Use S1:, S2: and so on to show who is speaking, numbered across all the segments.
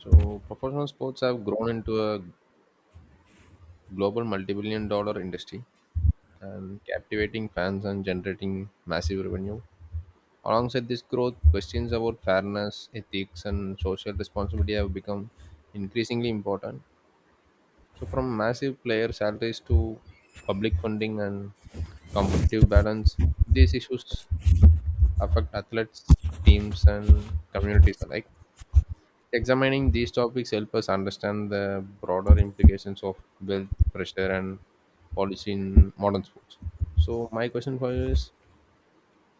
S1: So, professional sports have grown into a global multi billion dollar industry and captivating fans and generating massive revenue. Alongside this growth, questions about fairness, ethics, and social responsibility have become increasingly important. So, from massive player salaries to public funding and competitive balance, these issues affect athletes, teams, and communities alike. Examining these topics help us understand the broader implications of wealth, pressure, and policy in modern sports. So, my question for you is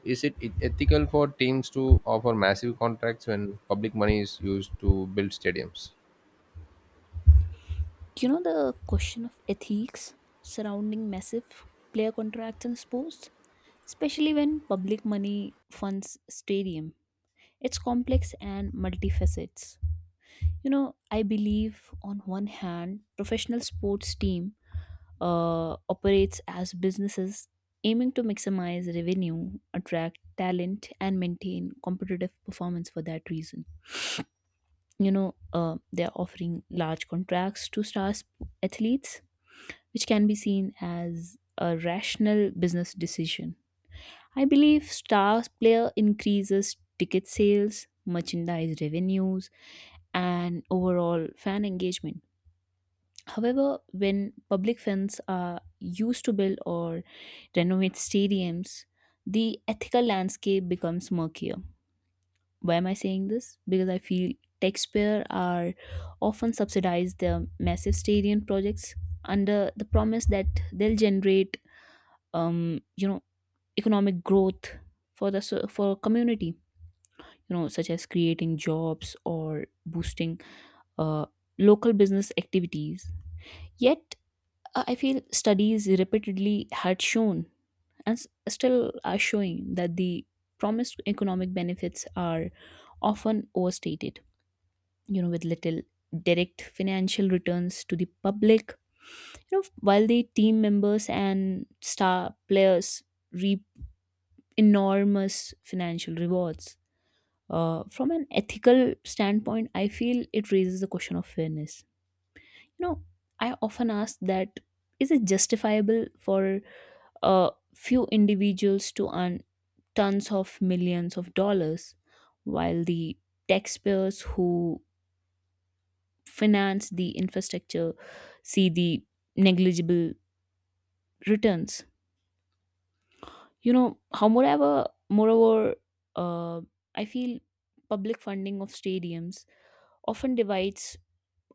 S1: Is it ethical for teams to offer massive contracts when public money is used to build stadiums?
S2: The question of ethics surrounding massive player contracts in sports, especially when public money funds stadium. It's complex and multifacets. I believe on one hand, professional sports team operates as businesses aiming to maximize revenue, attract talent, and maintain competitive performance for that reason. They're offering large contracts to stars athletes which can be seen as a rational business decision. I believe star player increases ticket sales, merchandise revenues, and overall fan engagement. However, when public funds are used to build or renovate stadiums, the ethical landscape becomes murkier. Why am I saying this? Because I feel taxpayers are often subsidize their massive stadium projects under the promise that they'll generate um, you know economic growth for the for a community, such as creating jobs or boosting uh, local business activities. Yet, I feel studies repeatedly had shown and still are showing that the promised economic benefits are often overstated, with little direct financial returns to the public, while the team members and star players reap enormous financial rewards. From an ethical standpoint, I feel it raises the question of fairness. You know, I often ask that, is it justifiable for a few individuals to earn tons of millions of dollars while the taxpayers who finance the infrastructure see the negligible returns? Moreover, uh, I feel public funding of stadiums often divides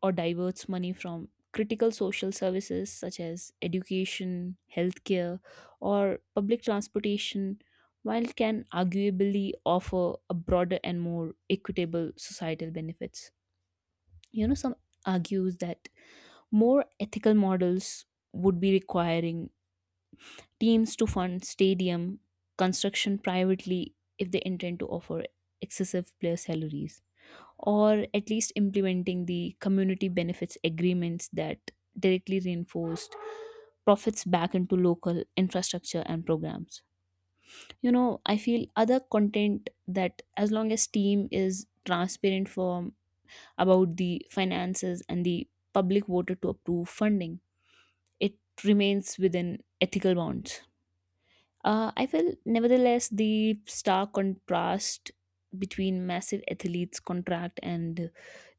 S2: or diverts money from critical social services such as education, healthcare, or public transportation, while can arguably offer a broader and more equitable societal benefits. Some argues that more ethical models would be requiring teams to fund stadium construction privately if they intend to offer excessive player salaries, or at least implementing the community benefits agreements that directly reinforced profits back into local infrastructure and programs. I feel other content that as long as team is transparent from about the finances and the public voted to approve funding, it remains within ethical bounds. I feel, nevertheless, the stark contrast between massive athletes' contract and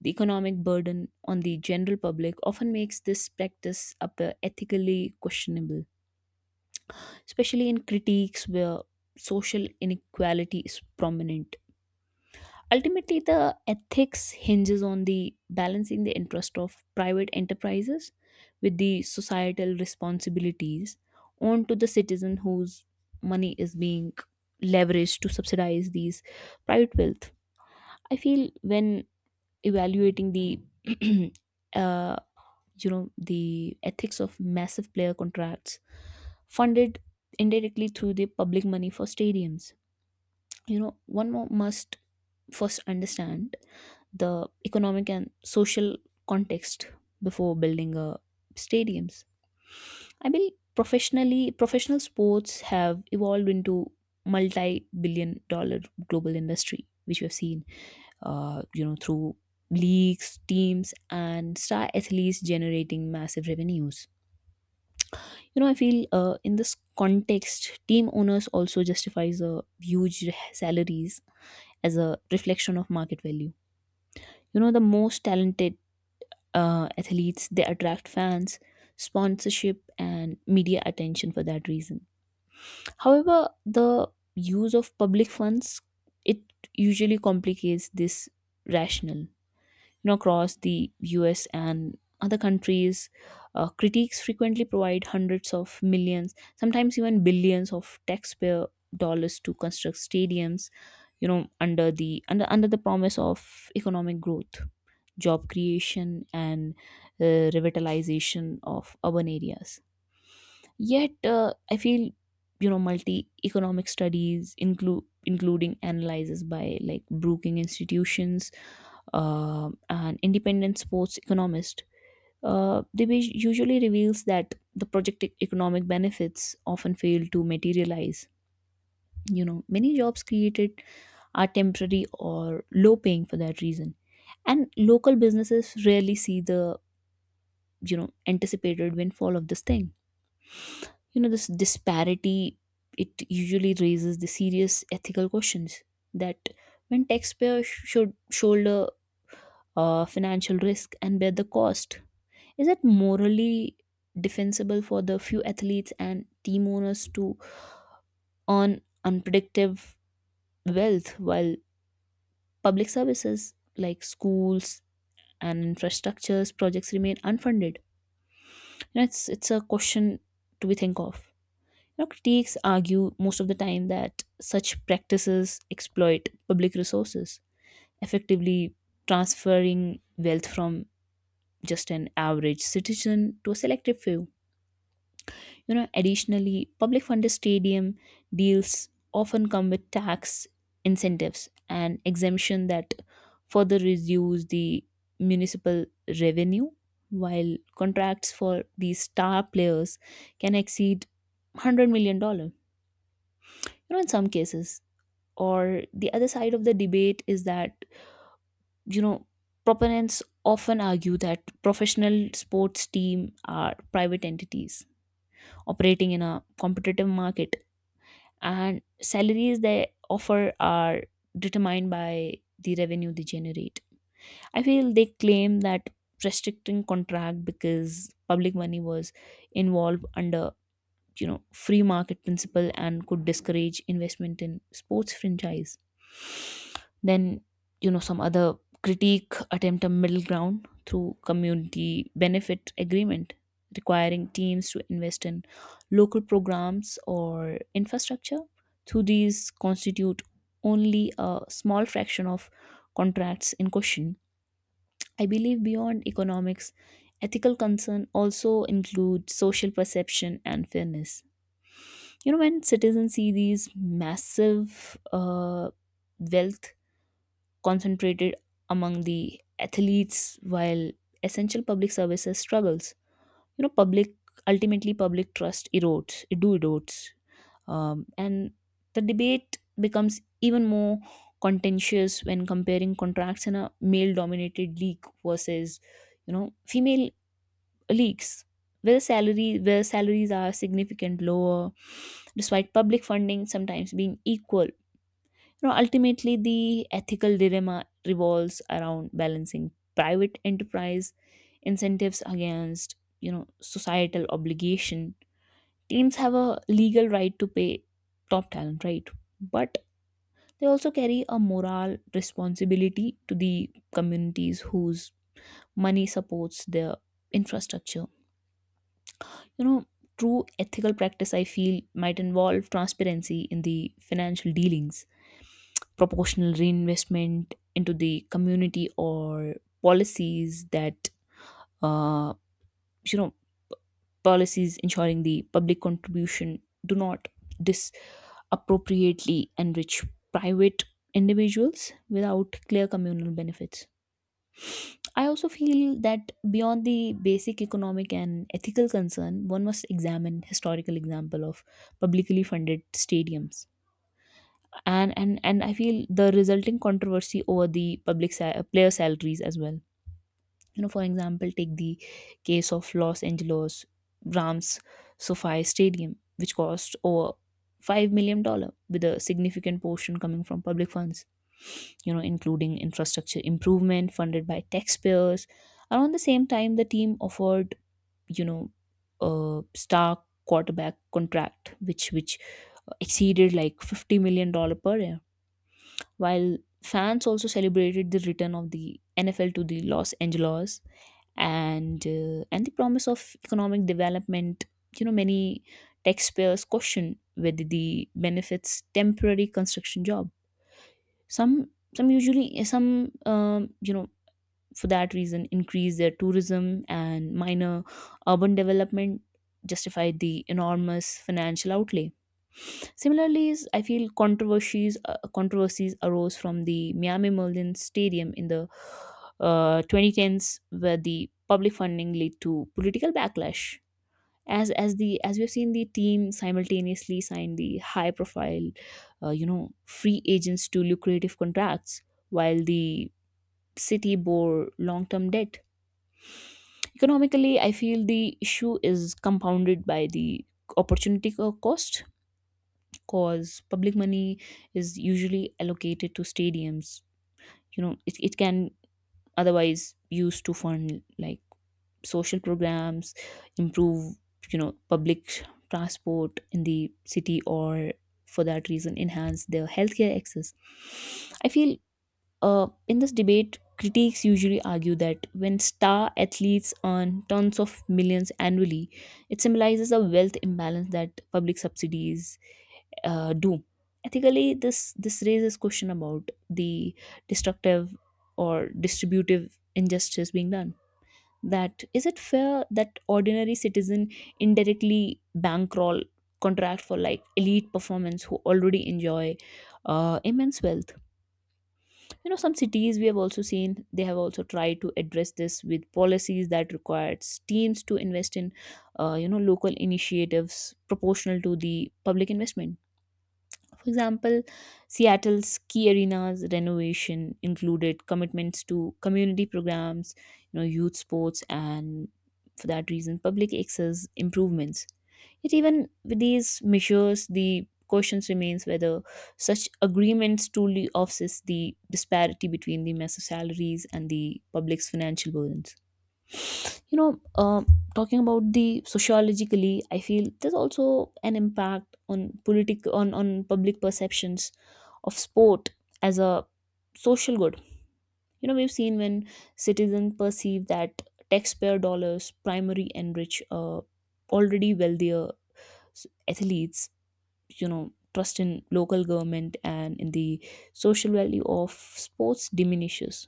S2: the economic burden on the general public often makes this practice up ethically questionable, especially in critiques where social inequality is prominent. Ultimately, the ethics hinges on the balancing the interest of private enterprises with the societal responsibilities onto the citizen whose money is being leveraged to subsidize these private wealth. I feel when evaluating the uh, the ethics of massive player contracts funded indirectly through the public money for stadiums, one more must first understand the economic and social context before building stadiums. I believe professional sports have evolved into multi-billion-dollar global industry, which we have seen, through leagues, teams, and star athletes generating massive revenues. I feel in this context, team owners also justifies huge salaries as a reflection of market value. The most talented athletes, they attract fans, sponsorship, and media attention for that reason. However, the use of public funds, it usually complicates this rationale. Across the US and other countries, critiques frequently provide hundreds of millions, sometimes even billions of taxpayer dollars to construct stadiums, under the under under the promise of economic growth, job creation, and uh, revitalization of urban areas. Yet, I feel, multi economic studies include including analysis by like Brookings institutions, and independent sports economist, they usually reveals that the economic benefits often fail to materialize. Many jobs created are temporary or low paying for that reason, and local businesses rarely see the anticipated windfall of this thing. This disparity, it usually raises the serious ethical questions that when taxpayers should shoulder financial risk and bear the cost, is it morally defensible for the few athletes and team owners to earn unpredictable wealth while public services like schools and infrastructures projects remain unfunded? It's a question to be think of. Now, critics argue most of the time that such practices exploit public resources, effectively transferring wealth from just an average citizen to a selective few. Additionally, public funded stadium deals often come with tax incentives and exemption that further reduce the municipal revenue, while contracts for these star players can exceed $100 million dollars. In some cases, or the other side of the debate is that, you know proponents often argue that professional sports team are private entities operating in a competitive market, and salaries they offer are determined by the revenue they generate. I feel they claim that restricting contract because public money was involved under, free market principle, and could discourage investment in sports franchise. Then, some other critique attempt a middle ground through community benefit agreement, requiring teams to invest in local programs or infrastructure through these constitute only a small fraction of contracts in question. I believe beyond economics, ethical concern also include social perception and fairness. When citizens see these massive wealth concentrated among the athletes while essential public services struggles, you know public ultimately public trust erodes, it do erodes. And the debate becomes even more contentious when comparing contracts in a male dominated league versus, you know female leaks, where salary where salaries are significant lower despite public funding sometimes being equal. Ultimately the ethical dilemma revolves around balancing private enterprise incentives against, societal obligation. Teams have a legal right to pay top talent, right? But they also carry a moral responsibility to the communities whose money supports their infrastructure. You know, True ethical practice, I feel, might involve transparency in the financial dealings, proportional reinvestment into the community, or policies that, uh, you know, policies ensuring the public contribution do not disappropriately enrich private individuals without clear communal benefits. I also feel that beyond the basic economic and ethical concern, one must examine historical example of publicly funded stadiums, and I feel the resulting controversy over the player salaries as well. For example, take the case of Los Angeles Rams SoFi Stadium, which cost over $5 million with a significant portion coming from public funds, including infrastructure improvement funded by taxpayers. Around the same time, the team offered, you know a star quarterback contract which exceeded like $50 million per year, while fans also celebrated the return of the NFL to the Los Angeles, and the promise of economic development. Many taxpayers question whether the benefits temporary construction job. Some, for that reason, increase their tourism and minor urban development justify the enormous financial outlay. Similarly, I feel controversies arose from the Miami Merlin Stadium in the 2010s, where the public funding led to political backlash. As we've seen, the team simultaneously signed the high profile, free agents to lucrative contracts, while the city bore long term debt. Economically, I feel the issue is compounded by the opportunity cost because public money is usually allocated to stadiums. It can otherwise used to fund like social programs, improve, public transport in the city, or for that reason enhance their healthcare access. I feel, in this debate, critics usually argue that when star athletes earn tons of millions annually, it symbolizes a wealth imbalance that public subsidies, do. Ethically, this raises question about the destructive or distributive injustice being done. That, is it fair that ordinary citizen indirectly bankroll contract for like elite performance who already enjoy, immense wealth? Some cities, we have also seen, they have also tried to address this with policies that requires teams to invest in, local initiatives proportional to the public investment. For example, Seattle's ski arena's renovation included commitments to community programs, youth sports, and for that reason, public access improvements. Yet, even with these measures, the question remains whether such agreements truly offsets the disparity between the massive salaries and the public's financial burdens. you know uh, Talking about the sociologically, I feel there's also an impact on politic on public perceptions of sport as a social good. We've seen when citizens perceive that taxpayer dollars primary enrich, already wealthier, s- athletes, you know trust in local government and in the social value of sports diminishes.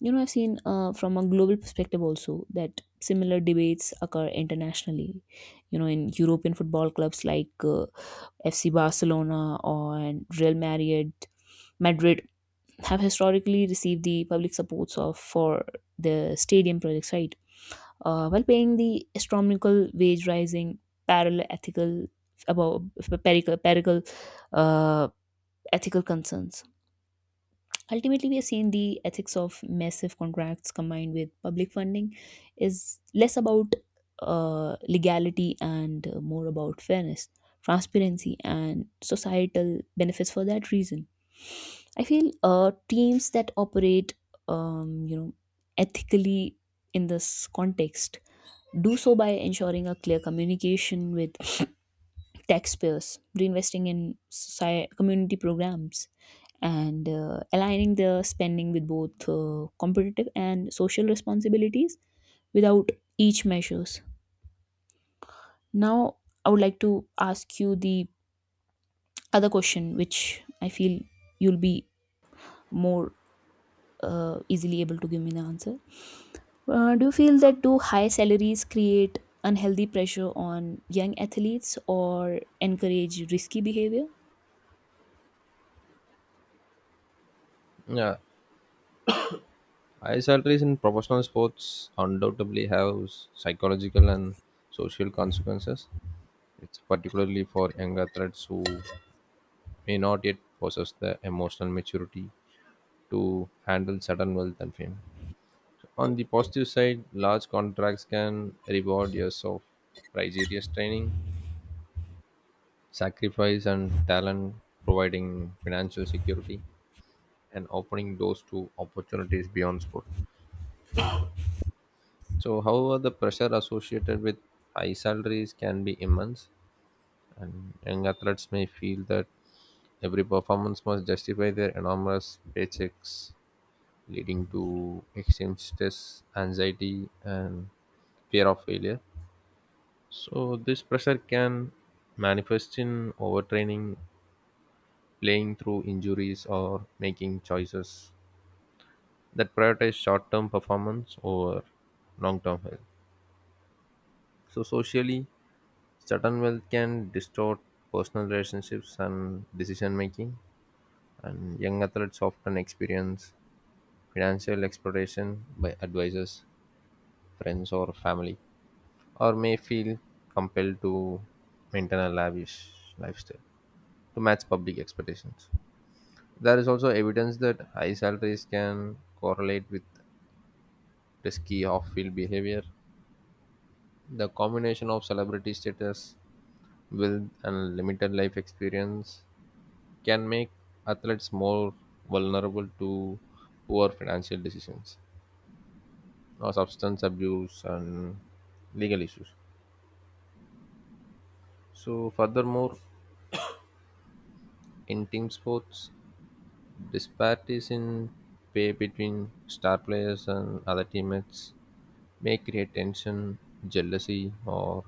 S2: I've seen, from a global perspective also, that similar debates occur internationally. In European football clubs like, FC Barcelona or and Real Madrid, have historically received the public supports of for the stadium projects, right? While paying the astronomical wage rising, parallel ethical about perical, perical uh, ethical concerns. Ultimately, we have seen the ethics of massive contracts combined with public funding is less about, legality and, more about fairness, transparency, and societal benefits for that reason. I feel, teams that operate, um, you know, ethically in this context, do so by ensuring a clear communication with taxpayers, reinvesting in soci community programs, and aligning the spending with both, competitive and social responsibilities without each measures. Now, I would like to ask you the other question, which I feel you'll be more, easily able to give me the answer. Uh, do you feel that do high salaries create unhealthy pressure on young athletes or encourage risky behavior?
S1: Yeah, high salaries in professional sports undoubtedly have psychological and social consequences. It's particularly for young athletes who may not yet possess the emotional maturity to handle sudden wealth and fame. On the positive side, large contracts can reward years of rigorous training, sacrifice, and talent, providing financial security and opening doors to opportunities beyond sport. So, however, the pressure associated with high salaries can be immense, and young athletes may feel that every performance must justify their enormous paychecks, leading to extreme stress, anxiety, and fear of failure. So this pressure can manifest in overtraining, playing through injuries, or making choices that prioritize short-term performance over long-term health. So socially, certain wealth can distort personal relationships and decision making, and young athletes often experience financial exploitation by advisors, friends, or family, or may feel compelled to maintain a lavish lifestyle to match public expectations. There is also evidence that high salaries can correlate with risky off field behavior. The combination of celebrity status, wealth, and limited life experience can make athletes more vulnerable to poor financial decisions or substance abuse and legal issues. So, furthermore, in team sports, disparities in pay between star players and other teammates may create tension, jealousy, or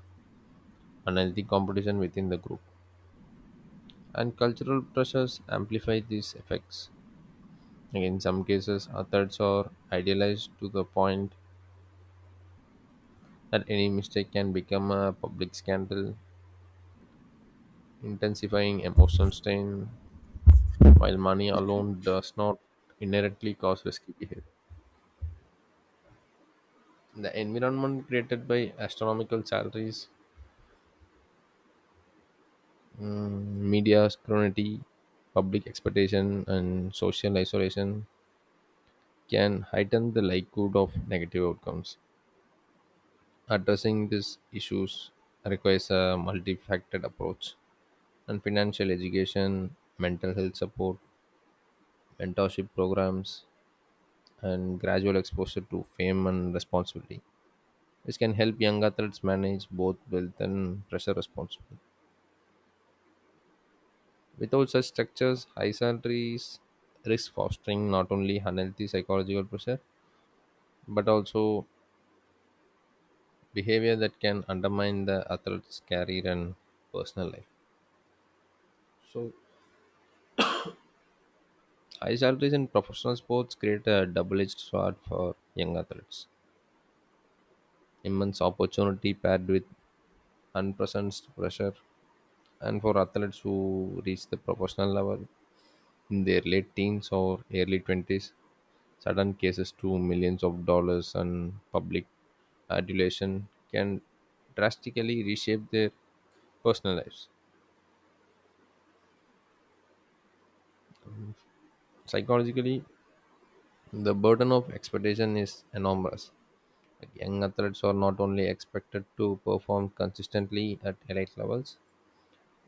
S1: unhealthy competition within the group. And cultural pressures amplify these effects. Like in some cases, athletes are idealized to the point that any mistake can become a public scandal, intensifying emotional strain, while money alone does not inherently cause risky behavior. The environment created by astronomical salaries, mm, media scrutiny, public expectation, and social isolation can heighten the likelihood of negative outcomes. Addressing these issues requires a multifaceted approach, and financial education, mental health support, mentorship programs, and gradual exposure to fame and responsibility. This can help young athletes manage both wealth and pressure responsibly. Without such structures, high salaries risk fostering not only unhealthy psychological pressure but also behavior that can undermine the athlete's career and personal life. So, high salaries in professional sports create a double edged sword for young athletes. Immense opportunity paired with unprecedented pressure, and for athletes who reach the professional level in their late teens or early 20s, sudden cases to millions of dollars and public adulation can drastically reshape their personal lives. Psychologically, the burden of expectation is enormous. Like, young athletes are not only expected to perform consistently at elite levels,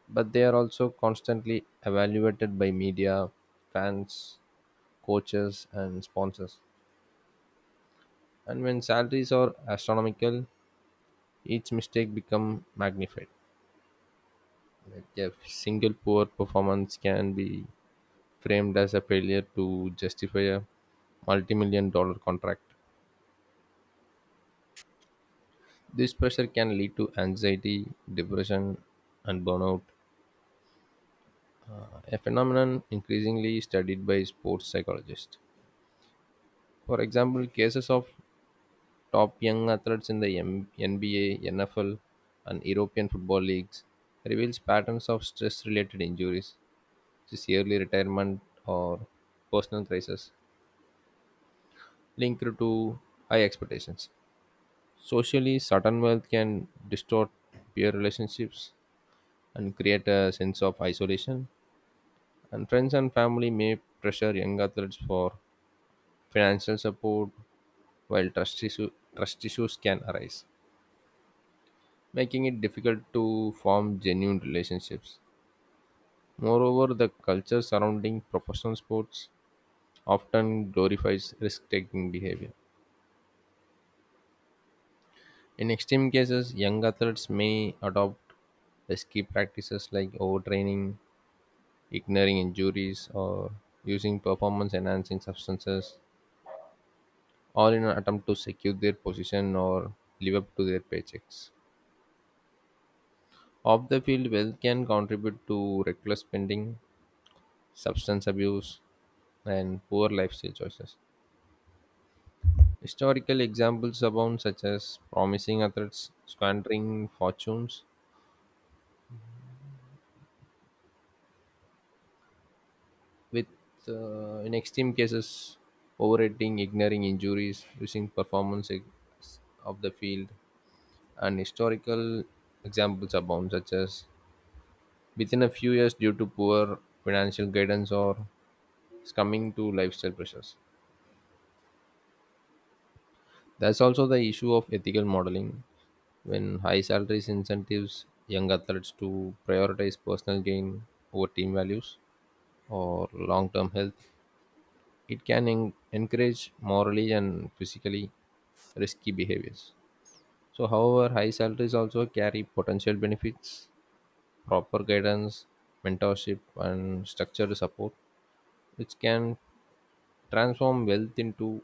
S1: but they are also constantly evaluated by media, fans, coaches, and sponsors. And when salaries are astronomical, each mistake becomes magnified. Like a single poor performance can be framed as a failure to justify a multi-million dollar contract. This pressure can lead to anxiety, depression, and burnout, a phenomenon increasingly studied by sports psychologists. For example, cases of top young athletes in the NBA, NFL, and European football leagues reveals patterns of stress-related injuries, such as early retirement or personal crisis, linked to high expectations. Socially, sudden wealth can distort peer relationships and create a sense of isolation. And friends and family may pressure young athletes for financial support, while trust issues can arise, making it difficult to form genuine relationships. Moreover, the culture surrounding professional sports often glorifies risk taking behavior. In extreme cases, young athletes may adopt risky practices like overtraining, ignoring injuries, or using performance enhancing substances all in an attempt to secure their position or live up to their paychecks. Off the field, wealth can contribute to reckless spending, substance abuse, and poor lifestyle choices. Historical examples abound, such as promising athletes squandering fortunes, with in extreme cases overeating, ignoring injuries, using performance ex- of the field, and historical examples abound, such as within a few years due to poor financial guidance or succumbing to lifestyle pressures. There's also the issue of ethical modeling when high salaries incentives young athletes to prioritize personal gain over team values or long-term health. It can encourage morally and physically risky behaviors. So, however, high salaries also carry potential benefits, proper guidance, mentorship, and structured support, which can transform wealth into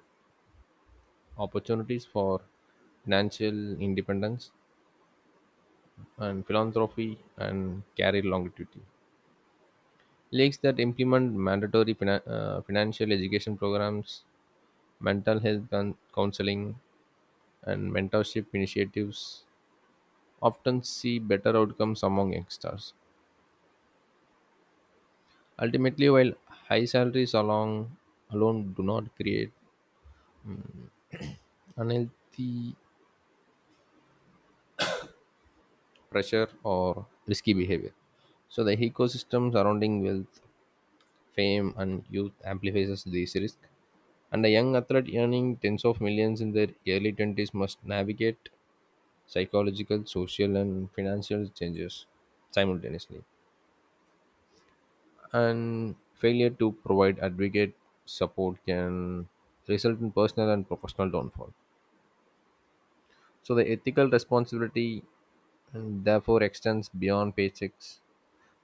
S1: opportunities for financial independence and philanthropy and career longevity. Lakes that implement mandatory financial education programs, mental health counseling, and mentorship initiatives often see better outcomes among youngsters. Ultimately, while high salaries alone do not create unhealthy pressure or risky behavior, so the ecosystem surrounding wealth fame, and youth amplifies this risk. And a young athlete earning tens of millions in their early 20s must navigate psychological, social, and financial changes simultaneously. And failure to provide adequate support can result in personal and professional downfall. So, the ethical responsibility and therefore extends beyond paychecks,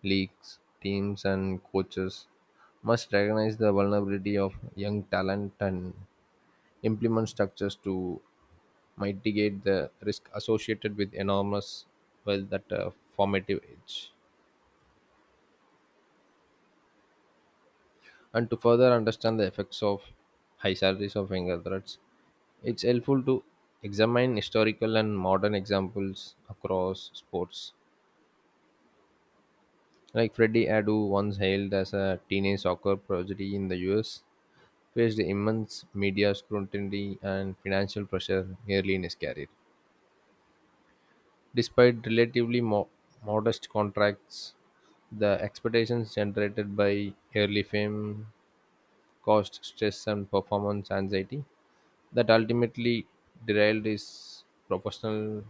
S1: leagues, teams, and coaches must recognize the vulnerability of young talent and implement structures to mitigate the risk associated with enormous wealth at a formative age. And to further understand the effects of high salaries of younger adults, it's helpful to examine historical and modern examples across sports. Like Freddie Adu, once hailed as a teenage soccer prodigy in the US, faced immense media scrutiny and financial pressure early in his career. Despite relatively modest contracts, the expectations generated by early fame caused stress and performance anxiety that ultimately derailed his professional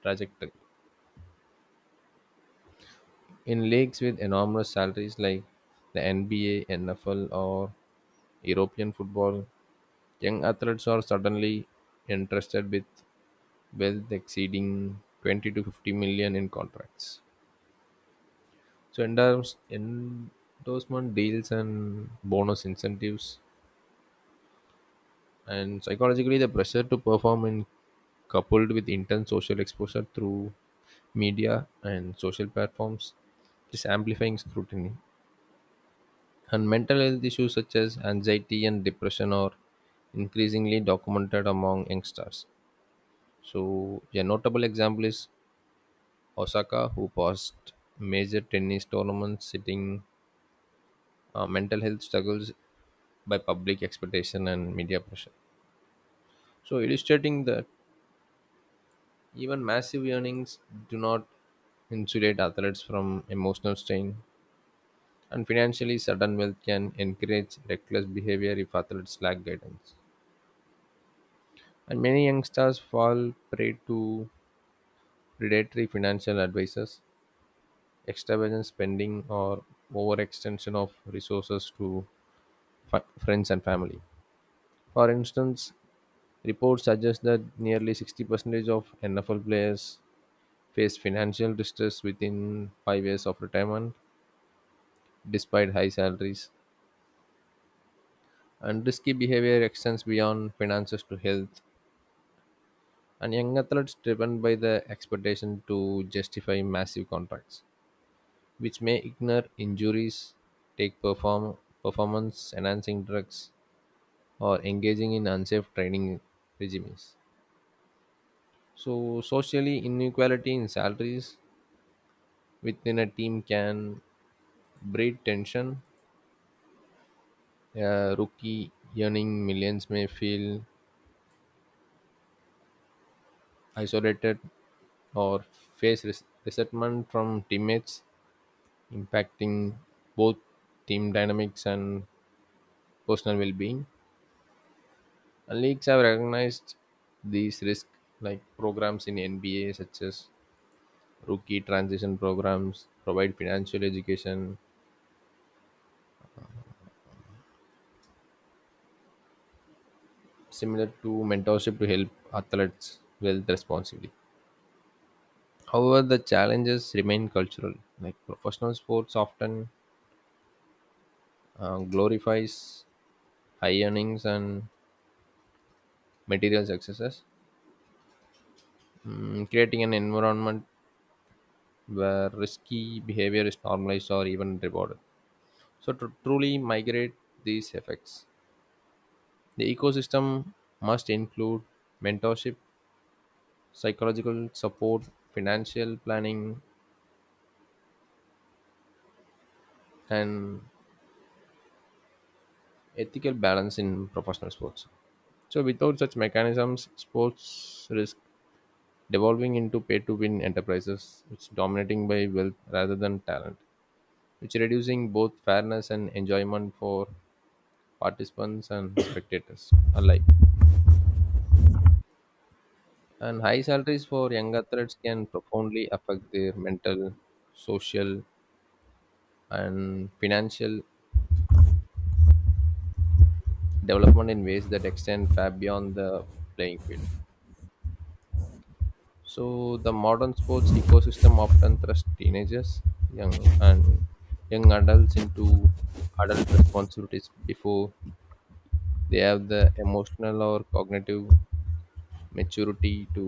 S1: trajectory. In leagues with enormous salaries like the NBA, NFL, or European football, young athletes are suddenly entrusted with wealth exceeding 20 to 50 million in contracts. So endorsement deals and bonus incentives, and psychologically the pressure to perform in coupled with intense social exposure through media and social platforms is amplifying scrutiny. And mental health issues such as anxiety and depression are increasingly documented among youngsters. So a notable example is Osaka, who passed major tennis tournaments sitting mental health struggles by public expectation and media pressure. So, illustrating that even massive earnings do not insulate athletes from emotional strain, and financially, sudden wealth can encourage reckless behavior if athletes lack guidance. And many young stars fall prey to predatory financial advisors, extravagant spending, or overextension of resources to friends and family. For instance, reports suggest that nearly 60% of NFL players face financial distress within 5 years of retirement, despite high salaries. And risky behavior extends beyond finances to health, and young athletes driven by the expectation to justify massive contracts, which may ignore injuries, take performance enhancing drugs, or engaging in unsafe training regimes. So, socially, inequality in salaries within a team can breed tension. A rookie earning millions may feel isolated or face resentment from teammates, impacting both team dynamics and personal well-being. And leagues have recognized these risks, like programs in NBA such as rookie transition programs provide financial education similar to mentorship to help athletes wealth responsibly. However, the challenges remain cultural. Like professional sports often glorifies high earnings and material successes, creating an environment where risky behavior is normalized or even rewarded. So, to truly migrate these effects, the ecosystem must include mentorship, psychological support, financial planning, and ethical balance in professional sports. So, without such mechanisms, sports risk devolving into pay-to-win enterprises which dominating by wealth rather than talent, which reducing both fairness and enjoyment for participants and spectators alike. And high salaries for young athletes can profoundly affect their mental, social, and financial development in ways that extend far beyond the playing field. So the modern sports ecosystem often thrusts teenagers, young and young adults into adult responsibilities before they have the emotional or cognitive maturity to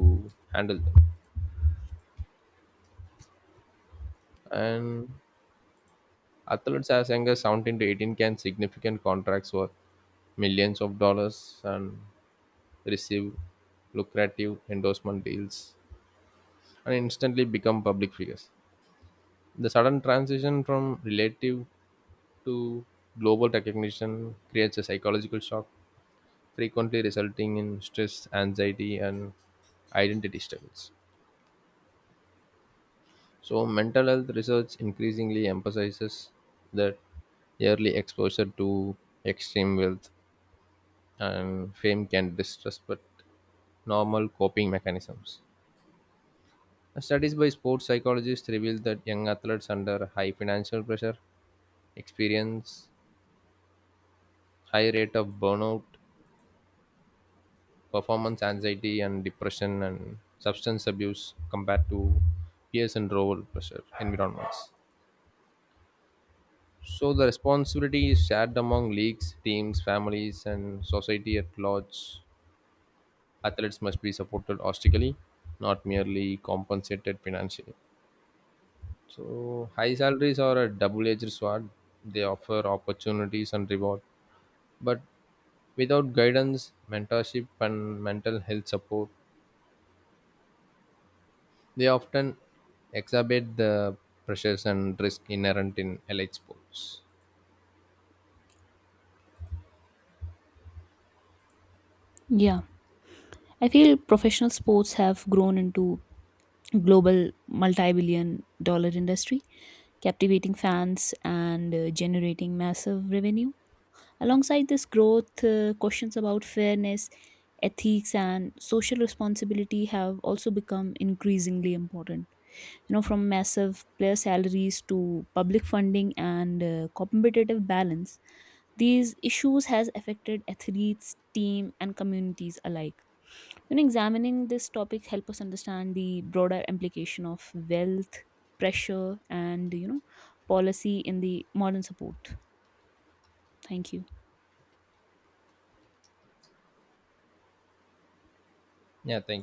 S1: handle them. And athletes as young as 17 to 18 can significant contracts worth millions of dollars and receive lucrative endorsement deals and instantly become public figures. The sudden transition from relative to global recognition creates a psychological shock, frequently resulting in stress, anxiety, and identity struggles. So, mental health research increasingly emphasizes that early exposure to extreme wealth and fame can disrupt normal coping mechanisms. Studies by sports psychologists reveal that young athletes under high financial pressure experience high rate of burnout, performance anxiety, and depression and substance abuse compared to peers in lower pressure environments. So the responsibility is shared among leagues, teams, families, and society at large. Athletes must be supported holistically, not merely compensated financially. So high salaries are a double-edged sword. They offer opportunities and reward, but without guidance, mentorship, and mental health support, they often exacerbate the pressures and risk inherent in elite sports.
S2: Yeah, I feel professional sports have grown into global multi-billion dollar industry, captivating fans and, generating massive revenue. Alongside this growth, questions about fairness, ethics, and social responsibility have also become increasingly important. From massive player salaries to public funding and, competitive balance, these issues has affected athletes, team, and communities alike. Examining this topic help us understand the broader implication of wealth, pressure, and, policy in the modern support. Thank you.
S1: Yeah, thank